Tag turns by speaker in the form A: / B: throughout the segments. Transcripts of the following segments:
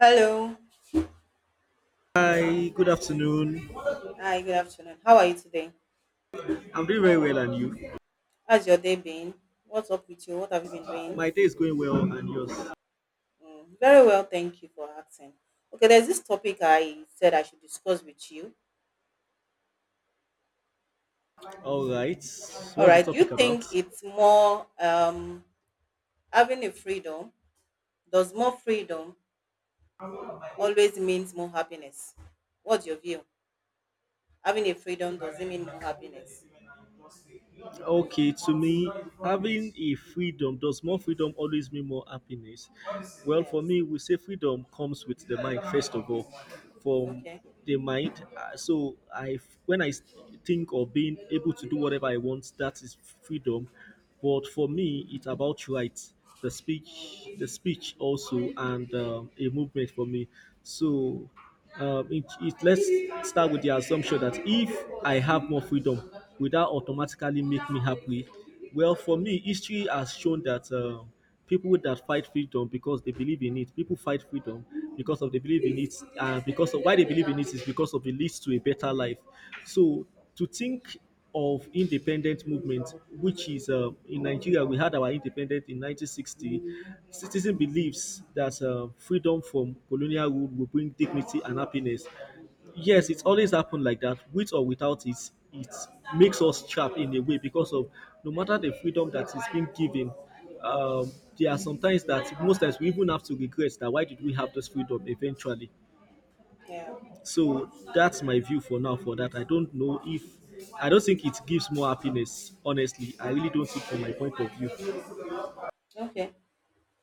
A: Hello.
B: Hi, good afternoon.
A: Hi, good afternoon. How are you today?
B: I'm doing very well, and you?
A: How's your day been? What's up with you? What have you been doing?
B: My day is going well, and yours?
A: Mm, very well, thank you for asking. Okay, there's this topic I said I should discuss with you.
B: All right.
A: All
B: What's the
A: right, do you
B: topic about?
A: think it's more having a freedom? Does more freedom always means more happiness? What's your view? Having a freedom, does it mean more happiness?
B: Okay, to me, having a freedom does more freedom always mean more happiness? Well, for
A: Yes.
B: me, we say freedom comes with the mind first of all, from
A: Okay.
B: the mind. So I, when I think of being able to do whatever I want, that is freedom. But for me, it's about rights, the speech also, and a movement for me. So it let's start with the assumption that if I have more freedom, will that automatically make me happy? Well, for me, history has shown that people that fight freedom because they believe in it, people fight freedom because of they believe in it, and because of why they believe in it is because of it leads to a better life. So to think of independent movement, which is in Nigeria, we had our independence in 1960. Citizen believes that freedom from colonial rule will bring dignity and happiness. Yes, it's always happened like that, with or without it. It makes us trapped in a way because of no matter the freedom that is being given, um, there are sometimes that most times we even have to regret that why did we have this freedom eventually.
A: Yeah.
B: So that's my view for now for that. I don't know if I don't think it gives more happiness, honestly. I really don't think from my point of view.
A: Okay.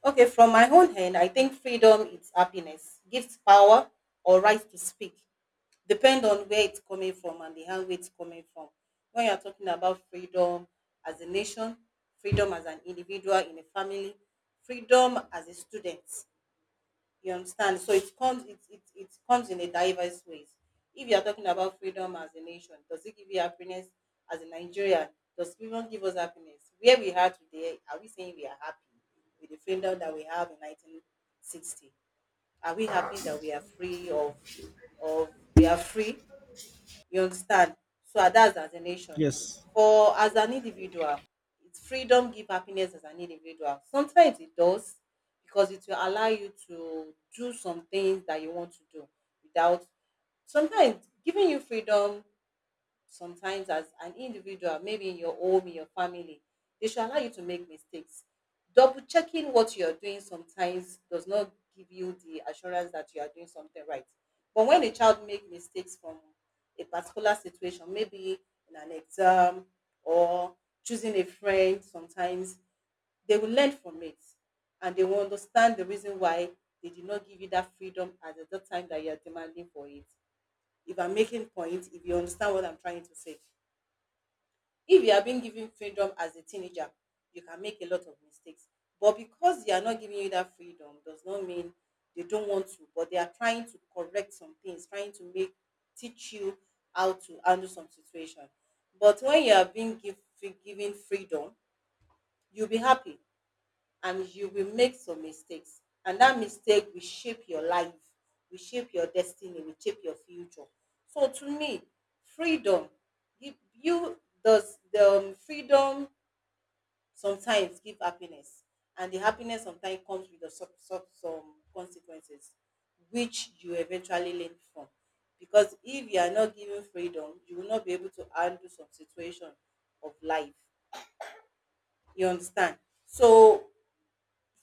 A: Okay, from my own hand, I think freedom is happiness, gives power or right to speak, depend on where it's coming from and the hand where it's coming from. When you're talking about freedom as a nation, freedom as an individual in a family, freedom as a student, you understand? So it comes in a diverse ways. If you are talking about freedom as a nation, does it give you happiness as a Nigerian? Does it even give us happiness? Where we are today, are we saying we are happy with the freedom that we have in 1960? Are we happy that we are free you understand? So that's as a nation.
B: Yes.
A: For as an individual, it's freedom give happiness as an individual. Sometimes it does because it will allow you to do some things that you want to do without sometimes giving you freedom sometimes as an individual, maybe in your home, in your family, they should allow you to make mistakes. Double checking what you're doing sometimes does not give you the assurance that you are doing something right. But when a child makes mistakes from a particular situation, maybe in an exam or choosing a friend, sometimes they will learn from it, and they will understand the reason why they did not give you that freedom at the time that you are demanding for it, if I'm making points, if you understand what I'm trying to say. If you are being given freedom as a teenager, you can make a lot of mistakes. But because they are not giving you that freedom, does not mean they don't want to, but they are trying to correct some things, trying to make teach you how to handle some situation. But when you are being given freedom, you'll be happy, and you will make some mistakes, and that mistake will shape your life, will shape your destiny, will shape your future. So to me, freedom give you freedom sometimes give happiness, and the happiness sometimes comes with the some consequences which you eventually learn from, because if you are not given freedom, you will not be able to handle some situation of life, you understand. So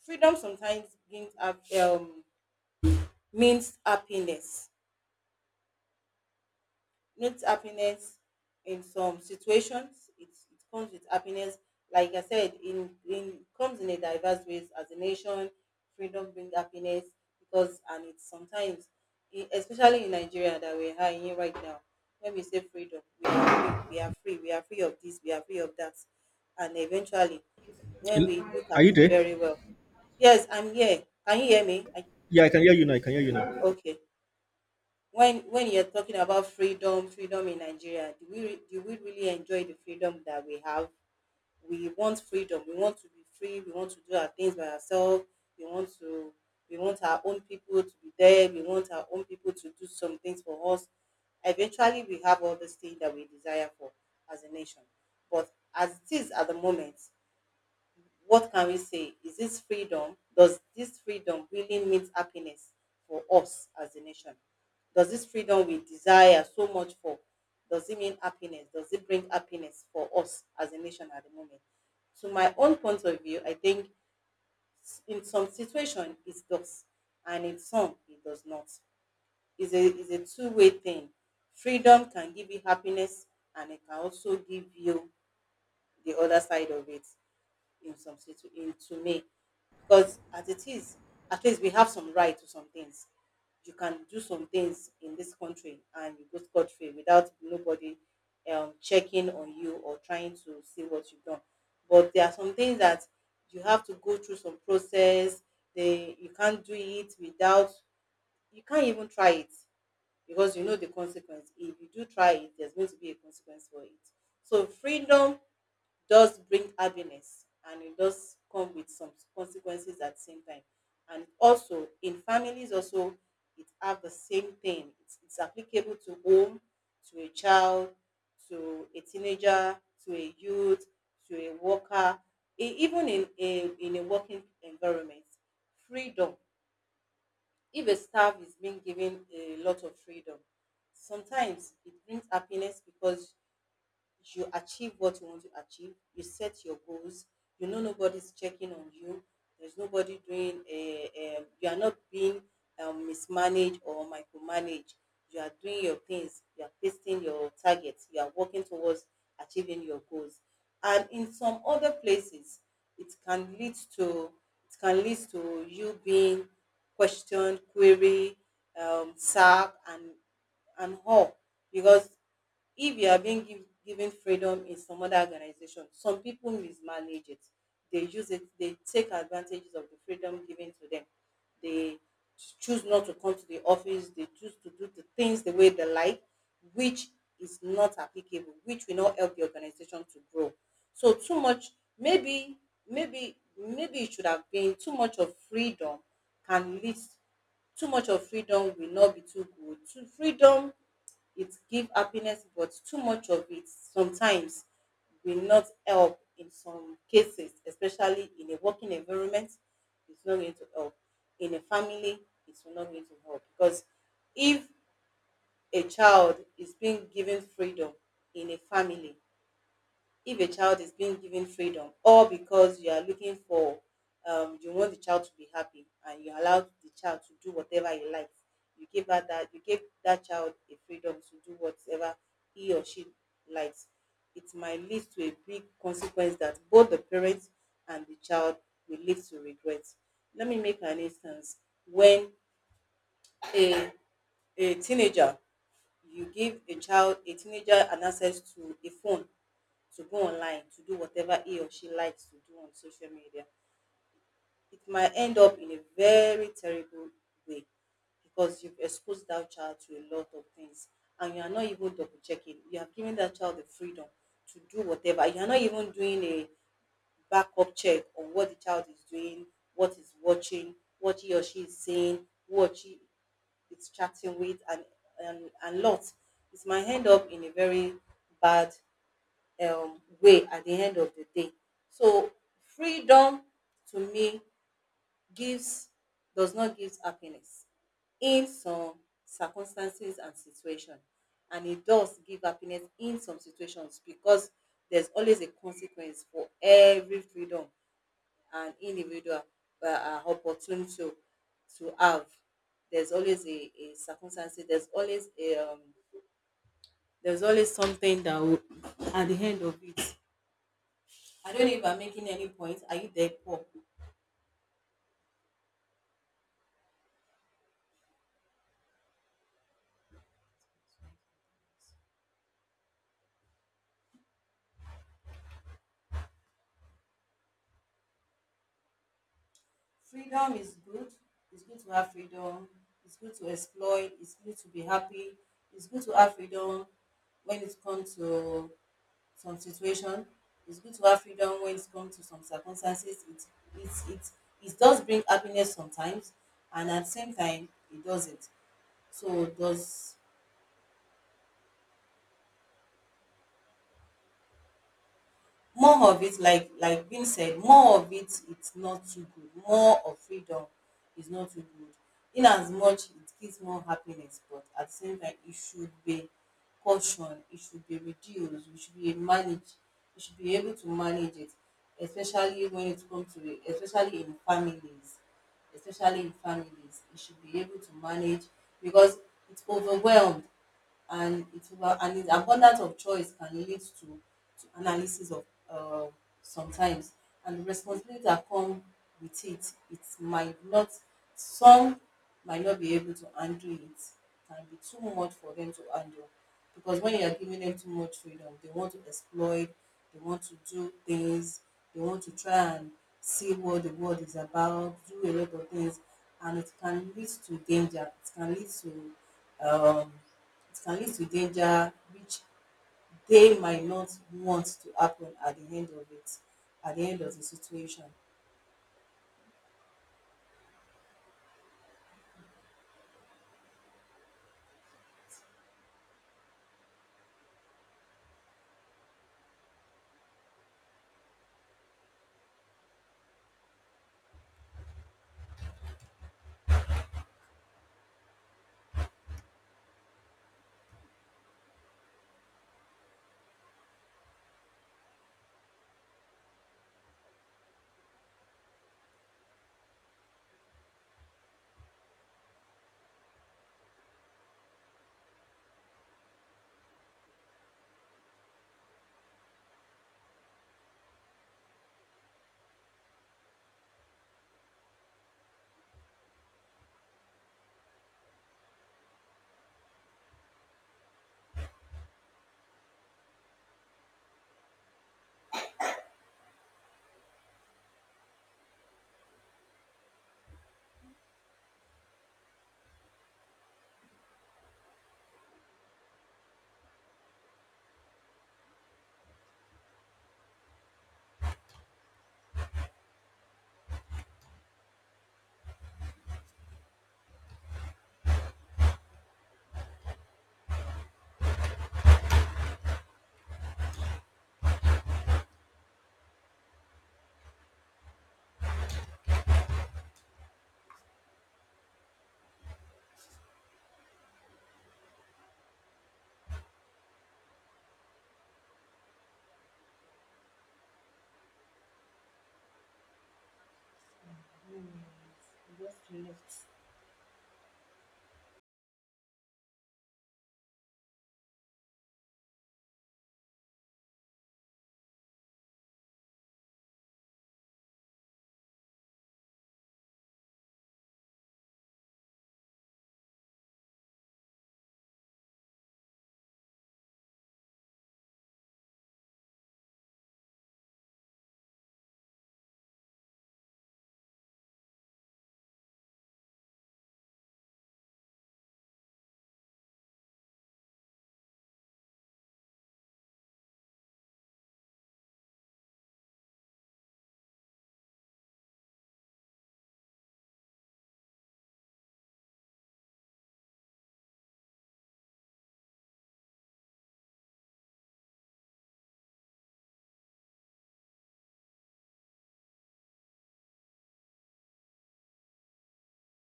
A: freedom sometimes means happiness, not happiness. In some situations, it comes with happiness. Like I said, in it comes in a diverse ways. As a nation, freedom brings happiness, because and it's sometimes especially in Nigeria that we're high in right now. When we say freedom, we are free, we are free, we are free of this, we are free of that, and eventually when we look
B: Are
A: at
B: you
A: it
B: there?
A: very well. Yes, I'm here, can you hear me
B: Yeah, I can hear you now. I can hear you now.
A: okay. When you're talking about freedom, freedom in Nigeria, do we really enjoy the freedom that we have? We want freedom, we want to be free, we want to do our things by ourselves, we want to we want our own people to be there, we want our own people to do some things for us. Eventually we have all the things that we desire for as a nation. But as it is at the moment, what can we say? Is this freedom? Does this freedom really mean happiness for us as a nation? Does this freedom we desire so much for, does it mean happiness? Does it bring happiness for us as a nation at the moment? To my own point of view, I think in some situation it does, and in some it does not. It's a two-way thing. Freedom can give you happiness, and it can also give you the other side of it in some situ in to me, because as it is, at least we have some right to some things. You can do some things in this country and you go scot-free without nobody checking on you or trying to see what you've done. But there are some things that you have to go through some process, they you can't do it without, you can't even try it, because you know the consequence. If you do try it, there's going to be a consequence for it. So freedom does bring happiness, and it does come with some consequences at the same time. And also in families also, it have the same thing. It's applicable to home, to a child, to a teenager, to a youth, to a worker, even in a working environment. Freedom. If a staff is being given a lot of freedom, sometimes it brings happiness, because you achieve what you want to achieve, you set your goals, you know nobody's checking on you, there's nobody you are not being mismanaged or micromanaged. You are doing your things, you are facing your targets, you are working towards achieving your goals. And in some other places, it can lead to it can lead to you being questioned, queried, sacked, and all, because if you are being given freedom in some other organization, some people mismanage it, they use it, they take advantages of the freedom given to them. They choose not to come to the office, they choose to do the things the way they like, which is not applicable, which will not help the organization to grow. So too much, maybe maybe it should have been too much of freedom can lead, too much of freedom will not be too good. Too freedom, it give happiness, but too much of it sometimes will not help in some cases, especially in a working environment, it's not going to help. In a family, it's not going to help, because if a child is being given freedom in a family, if a child is being given freedom, or because you are looking for, you want the child to be happy and you allow the child to do whatever he likes, you give that child a freedom to do whatever he or she likes, it might lead to a big consequence that both the parent and the child will live to regret. Let me make an instance. When a a teenager, you give a child, a teenager an access to a phone to go online to do whatever he or she likes to do on social media, it might end up in a very terrible way, because you've exposed that child to a lot of things, and you are not even double checking. You have given that child the freedom to do whatever. You are not even doing a backup check on what the child is doing, what is watching, what he or she is saying, what she it's chatting with, and lots. It might end up in a very bad way at the end of the day. So freedom to me gives does not give happiness in some circumstances and situation, and it does give happiness in some situations, because there's always a consequence for every freedom an individual are opportune to have. There's always a circumstance. There's always something that will, at the end of it. I don't know if I'm making any point. Are you there, Paul? Freedom is good. It's good to have freedom. It's good to explore. It's good to be happy. It's good to have freedom when it comes to some situation. It's good to have freedom when it comes to some circumstances. It does bring happiness sometimes, and at the same time, it doesn't. So does more of it, like being said, more of it, it's not too good. More of freedom is not too good. In as much it gives more happiness, but at the same time, it should be caution. It should be reduced. We should be managed. We should be able to manage it, especially when it comes to it, especially in families. You should be able to manage, because it's overwhelmed, and it's over, and it abundance of choice can lead to analysis of uh, sometimes, and the responsibility that come with it, it might not, some might not be able to handle it. It can be too much for them to handle, because when you are giving them too much freedom, they want to exploit, they want to do things, they want to try and see what the world is about, do a lot of things. And it can lead to danger, it can lead to um, it can lead to danger which they might not want to happen at the end of it, at the end of the situation. Hmm. You just left.